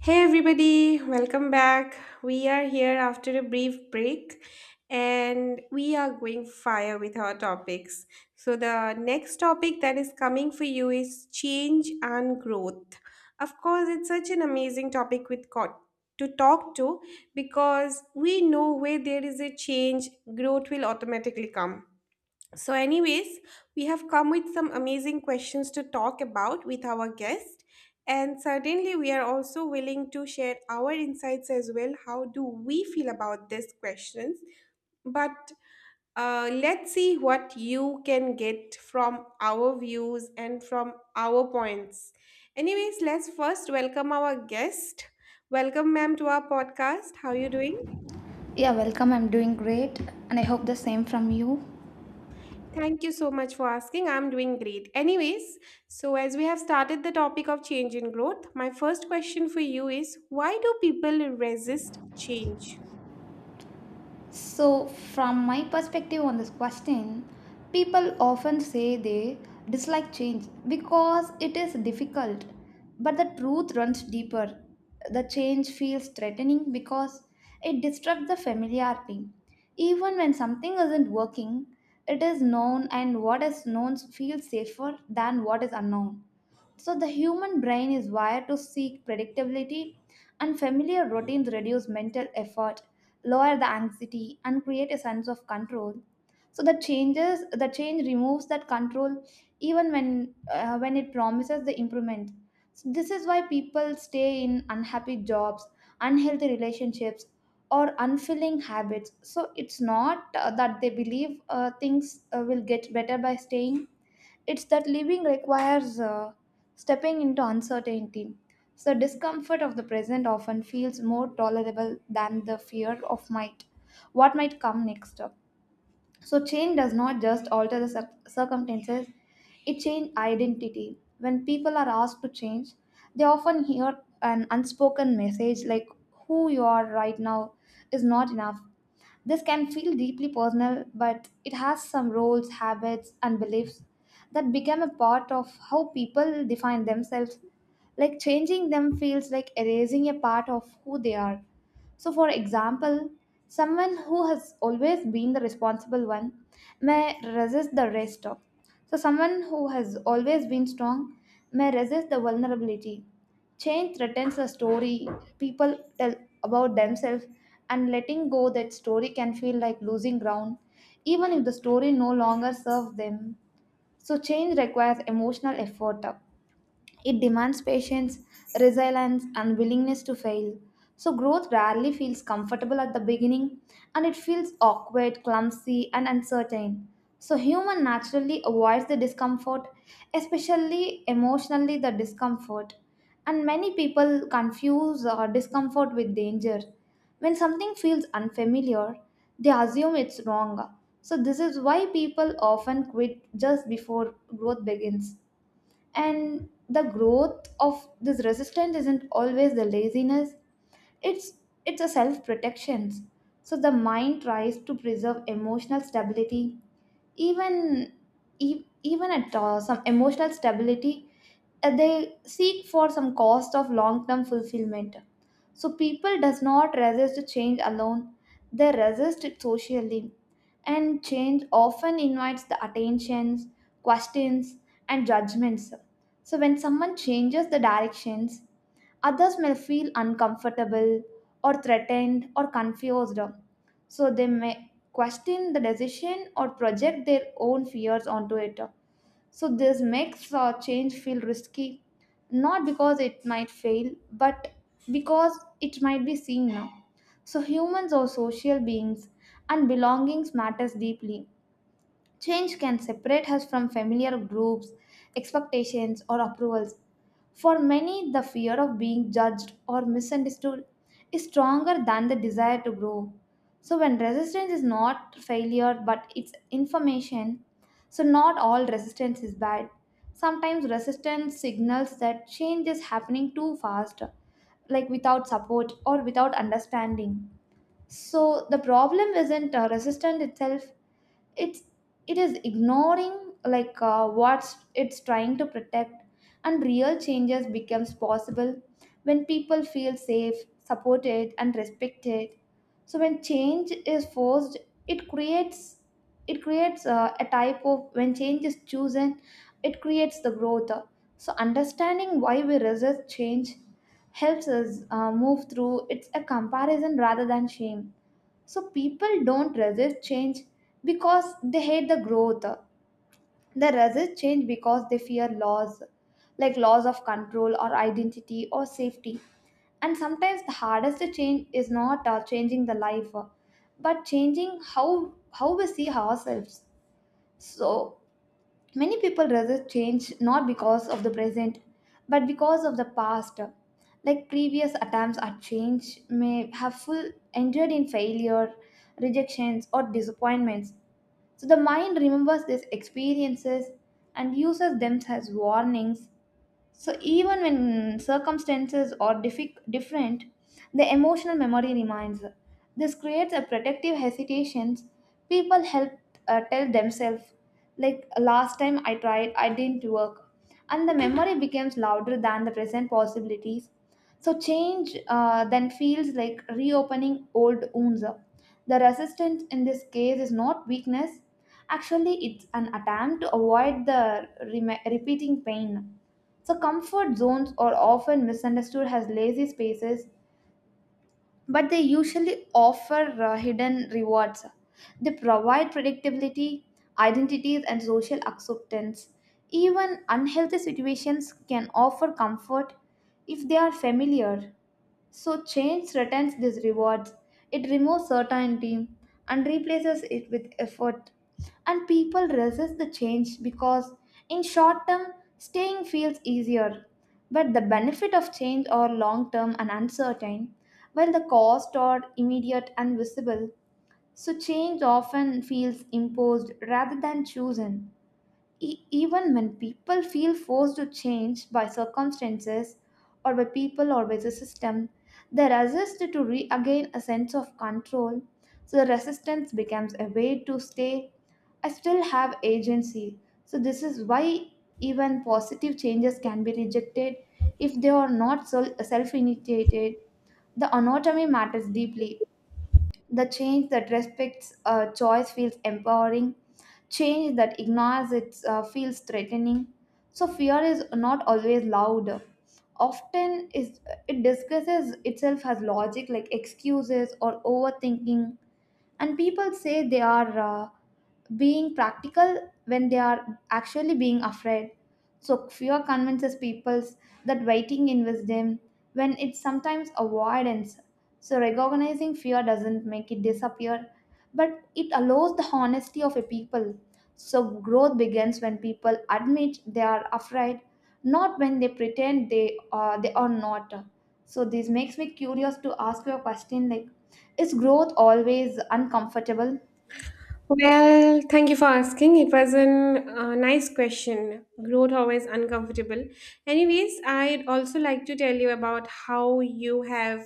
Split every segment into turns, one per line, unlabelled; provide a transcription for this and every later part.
Hey everybody, welcome back. We are here after a brief break and we are going fire with our topics. So, the next topic that is coming for you is change and growth. Of course, it's such an amazing topic with to talk to because we know where there is a change, growth will automatically come. So, anyways, we have come with some amazing questions to talk about with our guest. And certainly, we are also willing to share our insights as well. How do we feel about these questions? But let's see what you can get from our views and from our points. Anyways, let's first welcome our guest. Welcome, ma'am, to our podcast. How are you doing?
Yeah, welcome. I'm doing great, and I hope the same from you.
Thank you so much for asking. I'm doing great. Anyways, so as we have started the topic of change and growth, my first question for you is why do people resist change?
So, from my perspective on this question, people often say they dislike change because it is difficult, but the truth runs deeper. The change feels threatening because it disrupts the familiarity. Even when something isn't working, it is known, and what is known feels safer than what is unknown. So the human brain is wired to seek predictability, and familiar routines reduce mental effort, lower the anxiety, and create a sense of control. So the changes, the change removes that control, even when it promises the improvement. So this is why people stay in unhappy jobs, unhealthy relationships, or unfilling habits. So it's not that they believe things will get better by staying, it's that living requires stepping into uncertainty. So, discomfort of the present often feels more tolerable than the fear of might, what might come next. So, change does not just alter the circumstances, it changes identity. When people are asked to change, they often hear an unspoken message like, who you are right now is not enough. This can feel deeply personal, but it has some roles, habits, and beliefs that become a part of how people define themselves. Like changing them feels like erasing a part of who they are. So, for example, someone who has always been the responsible one may resist the rest of. So, someone who has always been strong may resist the vulnerability. Change threatens the story people tell about themselves, and letting go that story can feel like losing ground, even if the story no longer serves them. So, change requires emotional effort. It demands patience, resilience, and willingness to fail. So, growth rarely feels comfortable at the beginning, and it feels awkward, clumsy, and uncertain. So, human naturally avoids the discomfort, especially emotionally, the discomfort. And many people confuse discomfort with danger. When something feels unfamiliar, they assume it's wrong. So, this is why people often quit just before growth begins, and the growth of this resistance isn't always the laziness, it's it's a self protection. So the mind tries to preserve emotional stability, even even at some emotional stability, they seek for some cost of long term fulfillment. So people does not resist change alone, they resist it socially, and change often invites the attentions, questions, and judgments. So, when someone changes the directions, others may feel uncomfortable or threatened or confused. So, they may question the decision or project their own fears onto it. So this makes change feel risky, not because it might fail, but because it might be seen now. So humans are social beings, and belongings matters deeply. Change can separate us from familiar groups, expectations, or approvals. For many, the fear of being judged or misunderstood is stronger than the desire to grow. So, when resistance is not failure but it's information, so not all resistance is bad. Sometimes resistance signals that change is happening too fast, like without support or without understanding. So, the problem isn't resistance itself, it's it is ignoring like what it's trying to protect, and real changes becomes possible when people feel safe, supported, and respected. So when change is forced, it creates it creates a type of, when change is chosen, it creates the growth. So understanding why we resist change helps us move through it's a comparison rather than shame. So people don't resist change because they hate the growth. They resist change because they fear loss, like loss of control or identity or safety. And sometimes the hardest change is not changing the life, but changing how we see ourselves. So many people resist change not because of the present, but because of the past. Like previous attempts at change may have full ended in failure, rejections, or disappointments. So the mind remembers these experiences and uses them as warnings. So even when circumstances are different, the emotional memory remains. This creates a protective hesitations. People help tell themselves, like last time I tried, I didn't work, and the memory becomes louder than the present possibilities. So change then feels like reopening old wounds. The resistance in this case is not weakness. Actually, it's an attempt to avoid the repeating pain. So, comfort zones are often misunderstood as lazy spaces, but they usually offer hidden rewards. They provide predictability, identities, and social acceptance. Even unhealthy situations can offer comfort if they are familiar. So, change threatens these rewards. It removes certainty and replaces it with effort. And people resist the change because, in short term, staying feels easier. But the benefit of change are long term and uncertain, while the cost are immediate and visible. So, change often feels imposed rather than chosen. Even when people feel forced to change by circumstances or by people or by the system, they resist to regain a sense of control. So the resistance becomes a way to stay. I still have agency. So this is why even positive changes can be rejected if they are not self initiated. The anatomy matters deeply, the change that respects choice feels empowering. Change that ignores it feels threatening. So fear is not always loud. Often is, it disguises itself as logic like excuses or overthinking, and people say they are being practical when they are actually being afraid. So fear convinces people that waiting in wisdom when it's sometimes avoidance. So recognizing fear doesn't make it disappear, but it allows the honesty of a people. So growth begins when people admit they are afraid, not when they pretend they are not. So this makes me curious to ask you a question like, is growth always uncomfortable?
Well, thank you for asking. It was an nice question. Growth always uncomfortable. Anyways, I'd also like to tell you about how you have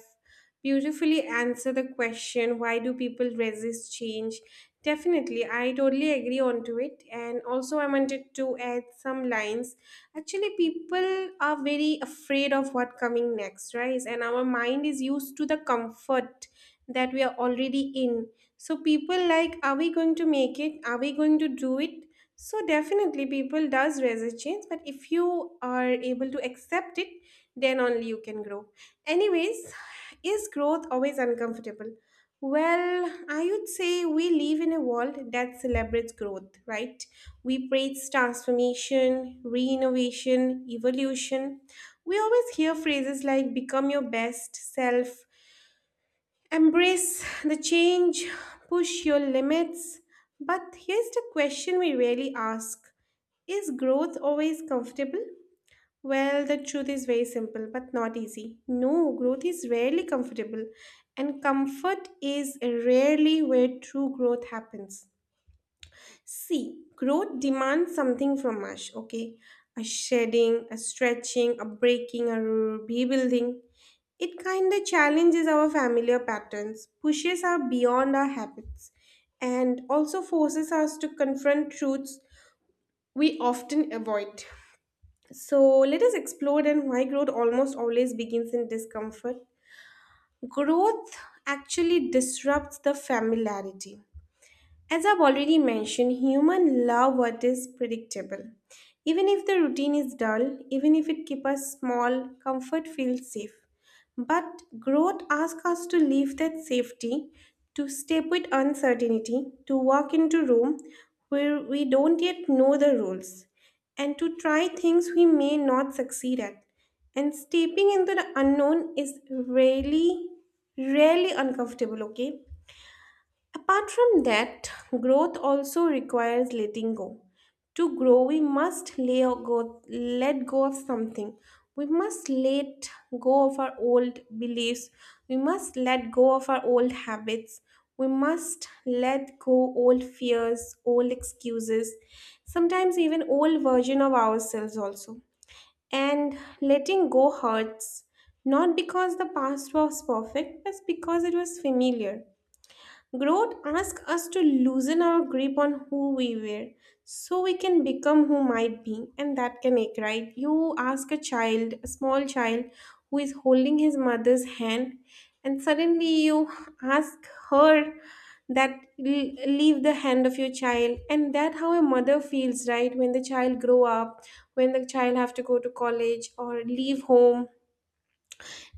beautifully answered the question, why do people resist change? Definitely, I totally agree onto it. And also, I wanted to add some lines. Actually, people are very afraid of what coming next, right? And our mind is used to the comfort that we are already in, so people like, are we going to make it? Are we going to do it? So definitely people does resist change, but if you are able to accept it, then only you can grow. Anyways, is growth always uncomfortable? Well, I would say we live in a world that celebrates growth, right? We praise transformation, re-innovation, evolution. We always hear phrases like become your best self, embrace the change, push your limits. But here's the question we rarely ask: is growth always comfortable? Well, the truth is very simple but not easy. No, growth is rarely comfortable, and comfort is rarely where true growth happens. See, growth demands something from us, okay? A shedding, a stretching, a breaking, a rebuilding. It kind of challenges our familiar patterns, pushes us beyond our habits, and also forces us to confront truths we often avoid. So, let us explore then why growth almost always begins in discomfort. Growth actually disrupts the familiarity. As I've already mentioned, human love what is predictable. Even if the routine is dull, even if it keeps us small, comfort feels safe. But growth asks us to leave that safety, to step with uncertainty, to walk into room where we don't yet know the rules, and to try things we may not succeed at. And stepping into the unknown is really, really uncomfortable, okay? Apart from that, growth also requires letting go. To grow, we must lay go, let go of something. We must let go of our old beliefs. We must let go of our old habits. We must let go old fears, old excuses, sometimes even old version of ourselves also. And letting go hurts, not because the past was perfect, but because it was familiar. Growth asks us to loosen our grip on who we were so we can become who might be, and that can ache, right? You ask a child, a small child, who is holding his mother's hand, and suddenly you ask her that leave the hand of your child, and that how a mother feels, right? When the child grow up, when the child have to go to college or leave home,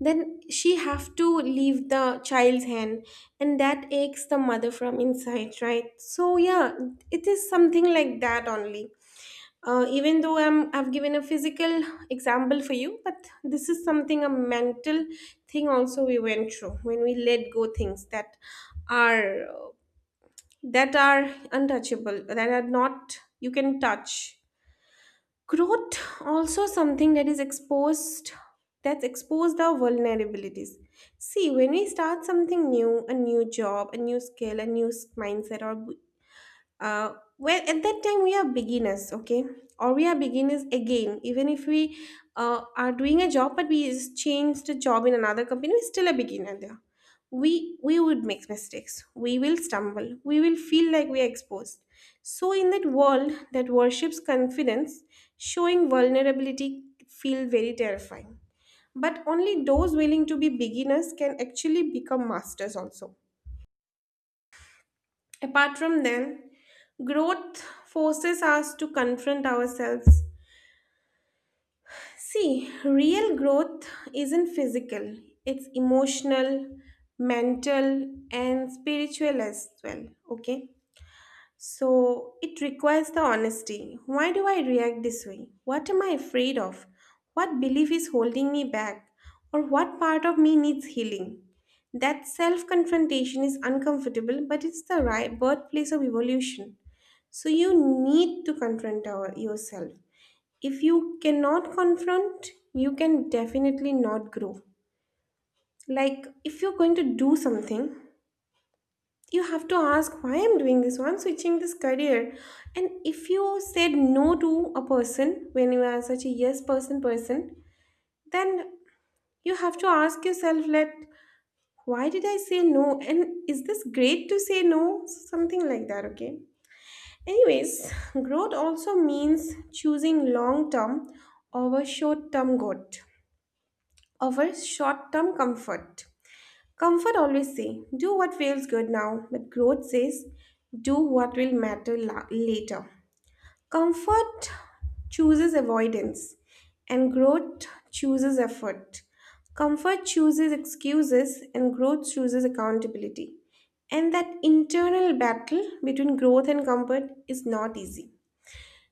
then she have to leave the child's hand, and that aches the mother from inside, right? So yeah, it is something like that only. Even though I've given a physical example for you, but this is something a mental thing also we went through when we let go things are that are untouchable, that are not you can touch. Growth also something that is exposed, that's exposed our vulnerabilities. See, when we start something new, a new job, a new skill, a new mindset, or uh, well, at that time we are beginners, okay? Or we are beginners again. Even if we are doing a job but we just changed a job in another company, we're still a beginner there. We would make mistakes, we will stumble, we will feel like we are exposed. So in that world that worships confidence, showing vulnerability feel very terrifying, but only those willing to be beginners can actually become masters also. Apart from them, growth forces us to confront ourselves. See, real growth isn't physical, it's emotional, mental, and spiritual as well. Okay? So it requires the honesty. Why do I react this way? What am I afraid of? What belief is holding me back? Or what part of me needs healing? That self confrontation is uncomfortable, but it's the right birthplace of evolution. So you need to confront yourself. If you cannot confront, you can definitely not grow. Like if you're going to do something, you have to ask why I'm doing this, why I'm switching this career. And if you said no to a person when you are such a yes person, then you have to ask yourself like why did I say no? And is this great to say no? Something like that, okay? Anyways, growth also means choosing long term over short term good, over short term comfort. Comfort always say, do what feels good now, but growth says, do what will matter later. Comfort chooses avoidance, and growth chooses effort. Comfort chooses excuses, and growth chooses accountability. And that internal battle between growth and comfort is not easy.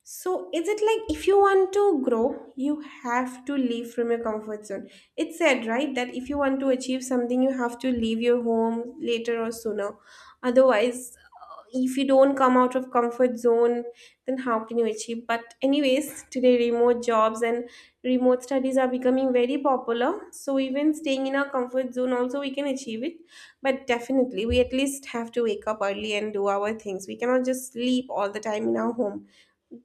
So is it like if you want to grow, you have to leave from your comfort zone? It's said, right, that if you want to achieve something, you have to leave your home later or sooner. Otherwise, if you don't come out of comfort zone, then how can you achieve? But anyways, today remote jobs and remote studies are becoming very popular. So even staying in our comfort zone also we can achieve it. But definitely we at least have to wake up early and do our things. We cannot just sleep all the time in our home.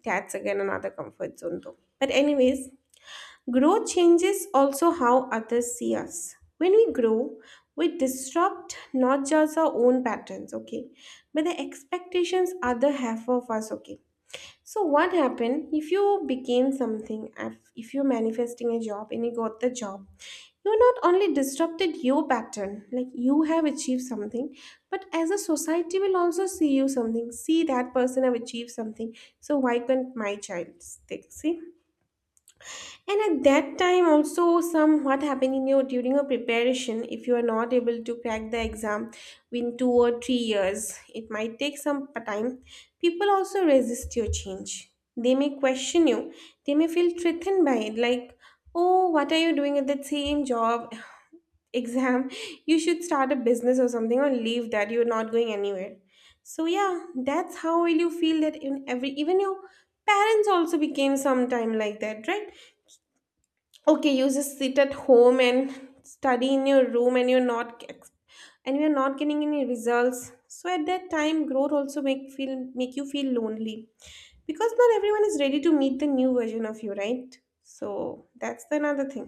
That's again another comfort zone, though. But, anyways, growth changes also how others see us. When we grow, we disrupt not just our own patterns, okay, but the expectations others have of us, okay. So, what happened if you became something, if you're manifesting a job and you got the job? You not only disrupted your pattern like you have achieved something, but as a society will also see you something, see that person have achieved something. So why can't my child stick, see? And at that time also, some what happened in your during your preparation, if you are not able to crack the exam in 2 or 3 years, it might take some time. People also resist your change, they may question you, they may feel threatened by it, like, oh, what are you doing at that same job exam? You should start a business or something, or leave that. You're not going anywhere. So yeah, that's how will you feel that, in every, even your parents also became sometime like that, right? Okay, you just sit at home and study in your room and you're not ex- and you're not getting any results. So at that time growth also make feel make you feel lonely, because not everyone is ready to meet the new version of you, right? So that's the another thing.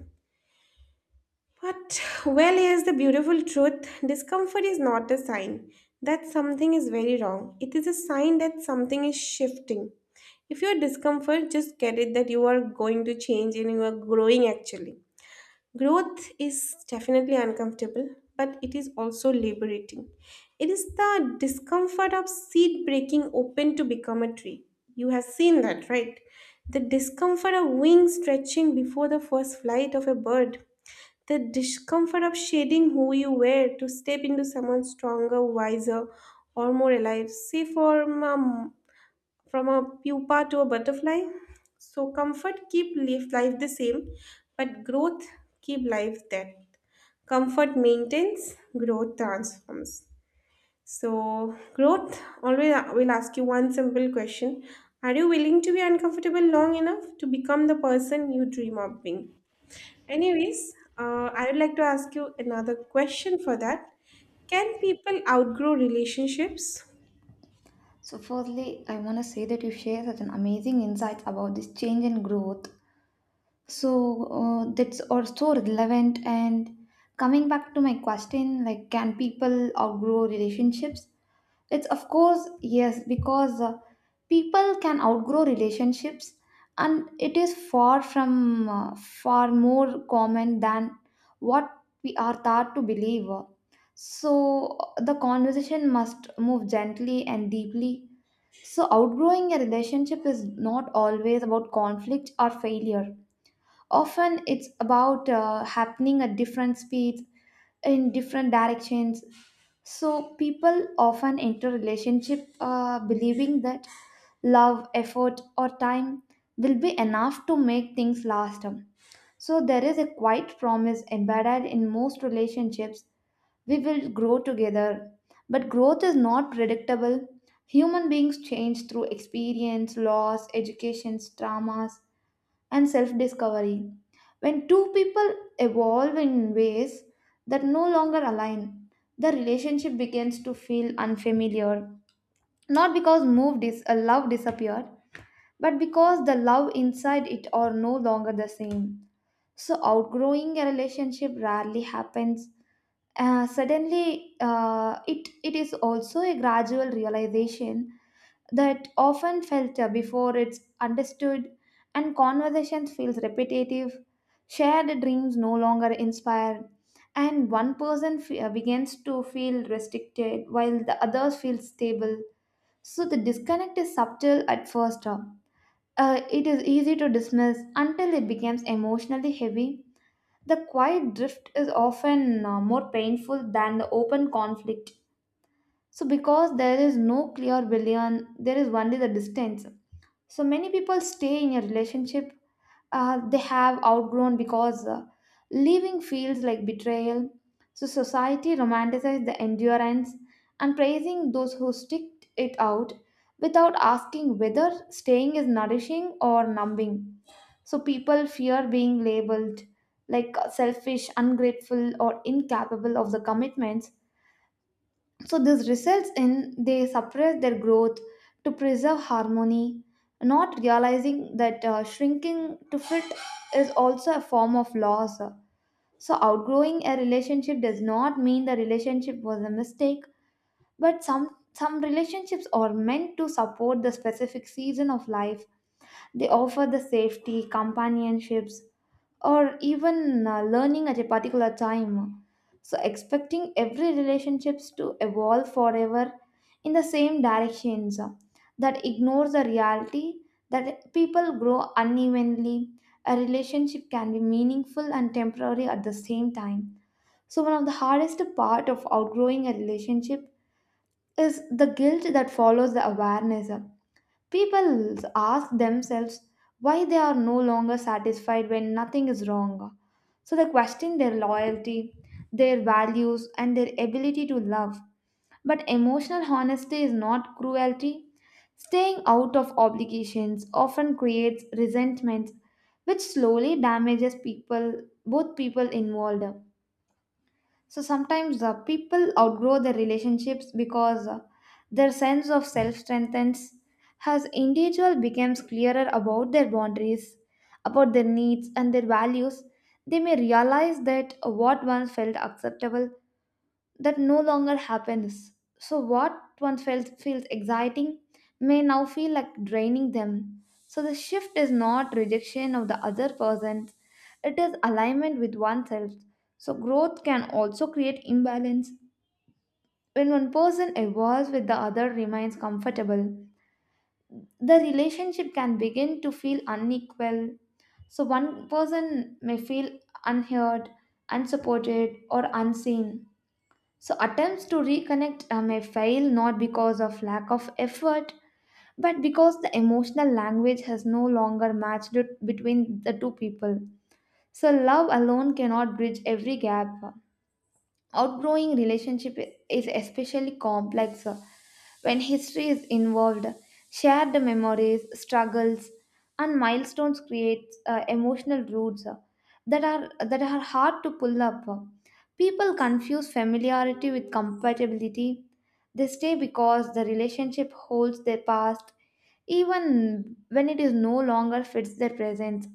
But, well, here's the beautiful truth: discomfort is not a sign that something is very wrong. It is a sign that something is shifting. If you're discomfort, just get it that you are going to change and you are growing actually. Growth is definitely uncomfortable, but it is also liberating. It is the discomfort of seed breaking open to become a tree. You have seen that, right? The discomfort of wings stretching before the first flight of a bird, the discomfort of shedding who you were to step into someone stronger, wiser, or more alive. Say from a pupa to a butterfly. So comfort keep life the same, but growth keep life that. Comfort maintains, growth transforms. So growth always will ask you one simple question. Are you willing to be uncomfortable long enough to become the person you dream of being? Anyways, I would like to ask you another question for that. Can people outgrow relationships?
So, firstly, I want to say that you share such an amazing insights about this change and growth. So, that's also relevant. And coming back to my question, like, can people outgrow relationships? It's of course yes, because people can outgrow relationships, and it is far more common than what we are taught to believe. So, the conversation must move gently and deeply. So, outgrowing a relationship is not always about conflict or failure. Often, it's about happening at different speeds, in different directions. So, people often enter relationship believing that love, effort, or time will be enough to make things last. So, there is a quiet promise embedded in most relationships, we will grow together. But growth is not predictable. Human beings change through experience, loss, education, traumas, and self discovery. When two people evolve in ways that no longer align, the relationship begins to feel unfamiliar. Not because love disappeared, but because the love inside it are no longer the same. So, outgrowing a relationship rarely happens suddenly, it is also a gradual realization that often felt before it's understood, and conversations feels repetitive. Shared dreams no longer inspire, and one person begins to feel restricted while the others feel stable. So the disconnect is subtle at first. It is easy to dismiss until it becomes emotionally heavy, the quiet drift is often more painful than the open conflict. So, because there is no clear villain, there is only the distance. So, many people stay in a relationship they have outgrown because leaving feels like betrayal. So, society romanticizes the endurance and praising those who stick it out without asking whether staying is nourishing or numbing. So people fear being labeled like selfish, ungrateful, or incapable of the commitments. So this results in they suppress their growth to preserve harmony, not realizing that shrinking to fit is also a form of loss. So outgrowing a relationship does not mean the relationship was a mistake, but some relationships are meant to support the specific season of life. They offer the safety, companionships, or even learning at a particular time. So, expecting every relationships to evolve forever in the same directions, that ignores the reality that people grow unevenly. A relationship can be meaningful and temporary at the same time. So, one of the hardest part of outgrowing a relationship is the guilt that follows the awareness. People ask themselves why they are no longer satisfied when nothing is wrong. So they question their loyalty, their values, and their ability to love. But emotional honesty is not cruelty. Staying out of obligations often creates resentment, which slowly damages people, both people involved. So sometimes people outgrow their relationships because their sense of self strengthens as individual becomes clearer about their boundaries, about their needs and their values. They may realize that what once felt acceptable that no longer happens. So, what once felt feels exciting may now feel like draining them. So, the shift is not rejection of the other person, it is alignment with oneself. So, growth can also create imbalance. When one person evolves with the other remains comfortable, the relationship can begin to feel unequal. So, one person may feel unheard, unsupported, or unseen. So, attempts to reconnect may fail not because of lack of effort, but because the emotional language has no longer matched it between the two people. So, love alone cannot bridge every gap. Outgrowing relationship is especially complex. When history is involved, shared memories, struggles, and milestones create emotional roots that are hard to pull up. People confuse familiarity with compatibility. They stay because the relationship holds their past even when it is no longer fits their present,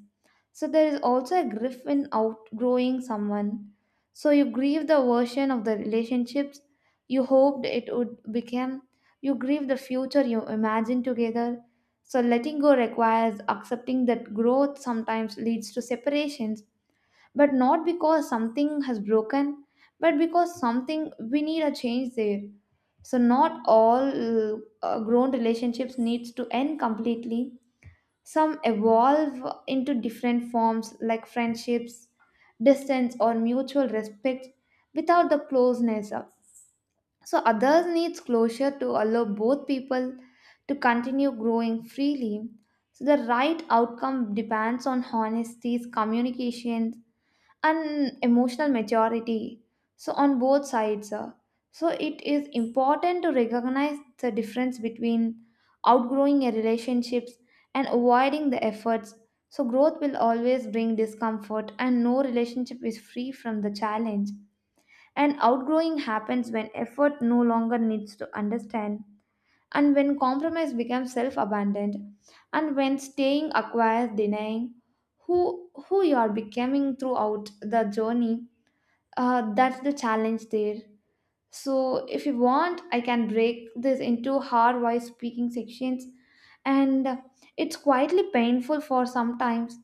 so there is also a grief in outgrowing someone. So you grieve the version of the relationships you hoped it would become. You grieve the future you imagined together. So letting go requires accepting that growth sometimes leads to separations, but not because something has broken, but because something we need a change there. So not all grown relationships needs to end completely, some evolve into different forms like friendships, distance, or mutual respect without the closeness. So, others needs closure to allow both people to continue growing freely. So, the right outcome depends on honesty, communication, and emotional maturity, so on both sides. So it is important to recognize the difference between outgrowing a relationships and avoiding the efforts. So growth will always bring discomfort and no relationship is free from the challenge, and outgrowing happens when effort no longer needs to understand, and when compromise becomes self-abandoned, and when staying acquires denying who you are becoming throughout the journey, that's the challenge there. So, if you want, I can break this into hard voice speaking sections, and it's quietly painful for sometimes,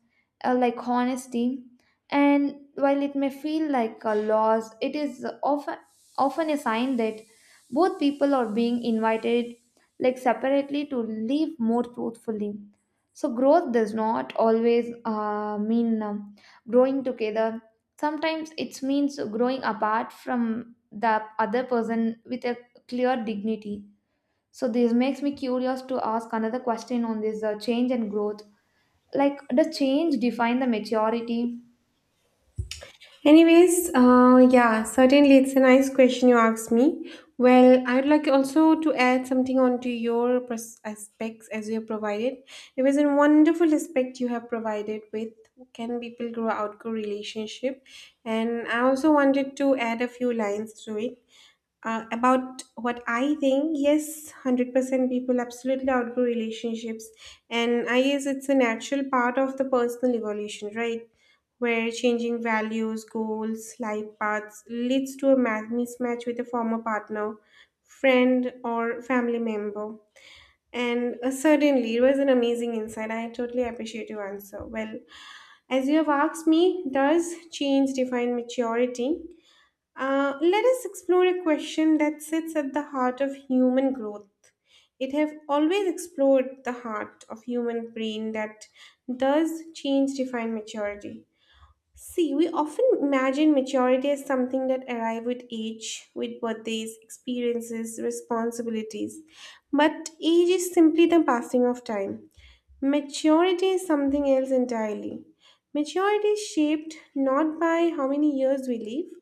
like honesty. And while it may feel like a loss, it is often a sign that both people are being invited, like separately, to live more truthfully. So, growth does not always mean growing together. Sometimes it means growing apart from the other person with a clear dignity. So this makes me curious to ask another question on this change and growth. Like, does change define the maturity?
Anyways, yeah, certainly it's a nice question you asked me. Well, I'd like also to add something onto your aspects as you have provided. It was a wonderful aspect you have provided with can people grow outgrow relationship, and I also wanted to add a few lines to it. About what I think, yes, 100% people absolutely outgrow relationships. And I guess it's a natural part of the personal evolution, right? Where changing values, goals, life paths leads to a mismatch with a former partner, friend, or family member. And certainly, it was an amazing insight. I totally appreciate your answer. Well, as you have asked me, does change define maturity? Let us explore a question that sits at the heart of human growth. It have always explored the heart of human brain that does change define maturity. See, we often imagine maturity as something that arrive with age, with birthdays, experiences, responsibilities. But age is simply the passing of time. Maturity is something else entirely. Maturity is shaped not by how many years we live,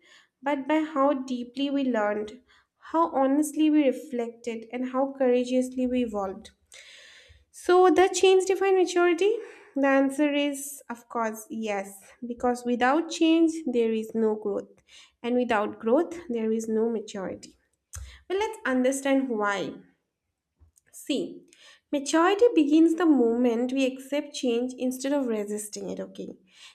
but by how deeply we learned, how honestly we reflected, and how courageously we evolved. So, does change define maturity? The answer is, of course, yes, because without change, there is no growth, and without growth, there is no maturity. Well, let's understand why. See, maturity begins the moment we accept change instead of resisting it, okay?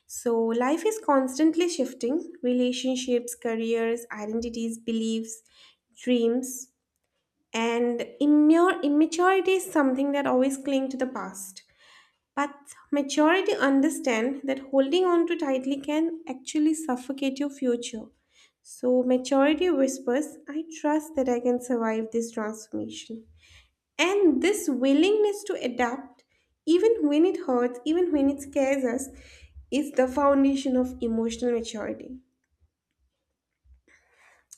So, life is constantly shifting relationships, careers, identities, beliefs, dreams, and immaturity is something that always cling to the past. But maturity understand that holding on too tightly can actually suffocate your future. So maturity whispers, I trust that I can survive this transformation. And this willingness to adapt, even when it hurts, even when it scares us, is the foundation of emotional maturity.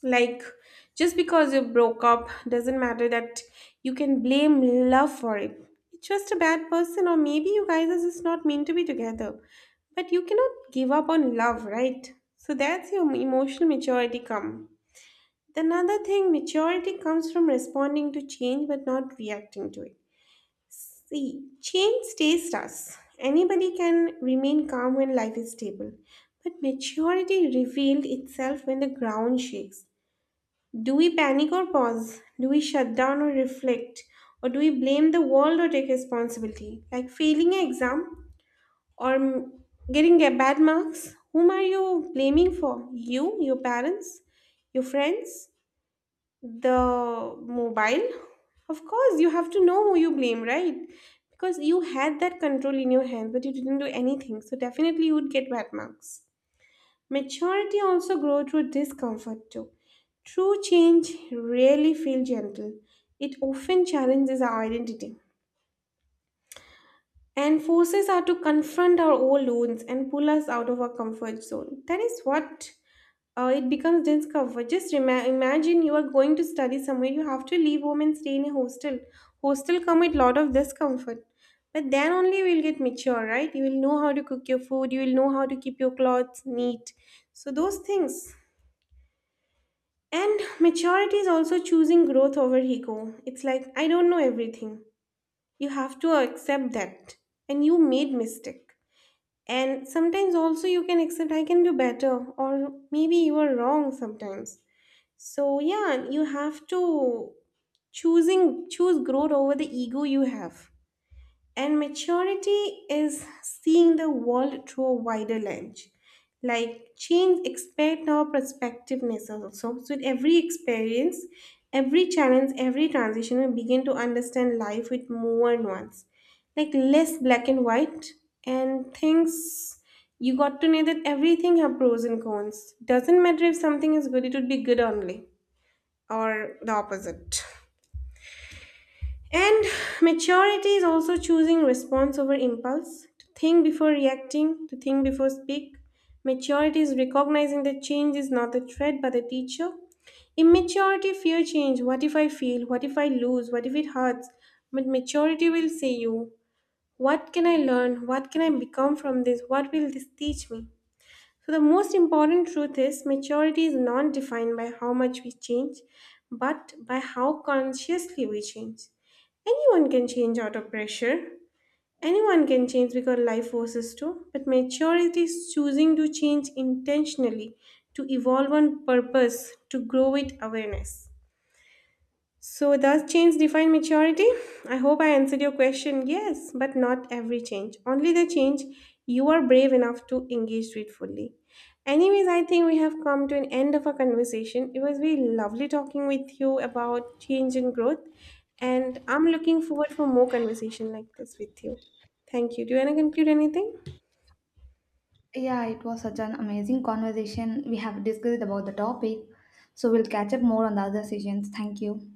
Like, just because you broke up doesn't matter that you can blame love for it. It's just a bad person, or maybe you guys are just not meant to be together. But you cannot give up on love, right? So that's your emotional maturity come. Another thing, maturity comes from responding to change but not reacting to it. See, change stays us. Anybody can remain calm when life is stable, but maturity revealed itself when the ground shakes. Do we panic or pause? Do we shut down or reflect? Or do we blame the world or take responsibility? Like failing an exam or getting a bad marks? Whom are you blaming for? You, your parents, your friends? The mobile? Of course, you have to know who you blame, right? Because you had that control in your hand, but you didn't do anything. So definitely you would get bad marks. Maturity also grows through discomfort too. True change rarely feels gentle. It often challenges our identity and forces are to confront our old wounds and pull us out of our comfort zone. That is what it becomes discomfort. Just rema imagine you are going to study somewhere, you have to leave home and stay in a hostel. Hostel come with lot of discomfort. But then only you will get mature, right? You will know how to cook your food, you will know how to keep your clothes neat. So those things. And maturity is also choosing growth over ego. It's like I don't know everything. You have to accept that. And you made mistake. And sometimes also you can accept I can do better, or maybe you are wrong sometimes. So yeah, you have to choosing choose growth over the ego you have. And maturity is seeing the world through a wider lens. Like change expand our perspectiveness also. So with every experience, every challenge, every transition, we begin to understand life with more nuance. Like less black and white and things you got to know that everything have pros and cons. Doesn't matter if something is good, it would be good only. Or the opposite. And maturity is also choosing response over impulse, to think before reacting, to think before speak. Maturity is recognizing that change is not a threat but a teacher. Immaturity fear change. What if I fail? What if I lose? What if it hurts? But maturity will say you, what can I learn? What can I become from this? What will this teach me? So, the most important truth is maturity is not defined by how much we change, but by how consciously we change. Anyone can change out of pressure. Anyone can change because life forces to, but maturity is choosing to change intentionally, to evolve on purpose, to grow with awareness. So, does change define maturity? I hope I answered your question. Yes, but not every change. Only the change you are brave enough to engage with fully. Anyways, I think we have come to an end of our conversation. It was very lovely talking with you about change and growth. And I'm looking forward for more conversation like this with you. Thank you. Do you want to conclude anything?
Yeah, it was such an amazing conversation. We have discussed about the topic. So we'll catch up more on the other sessions. Thank you.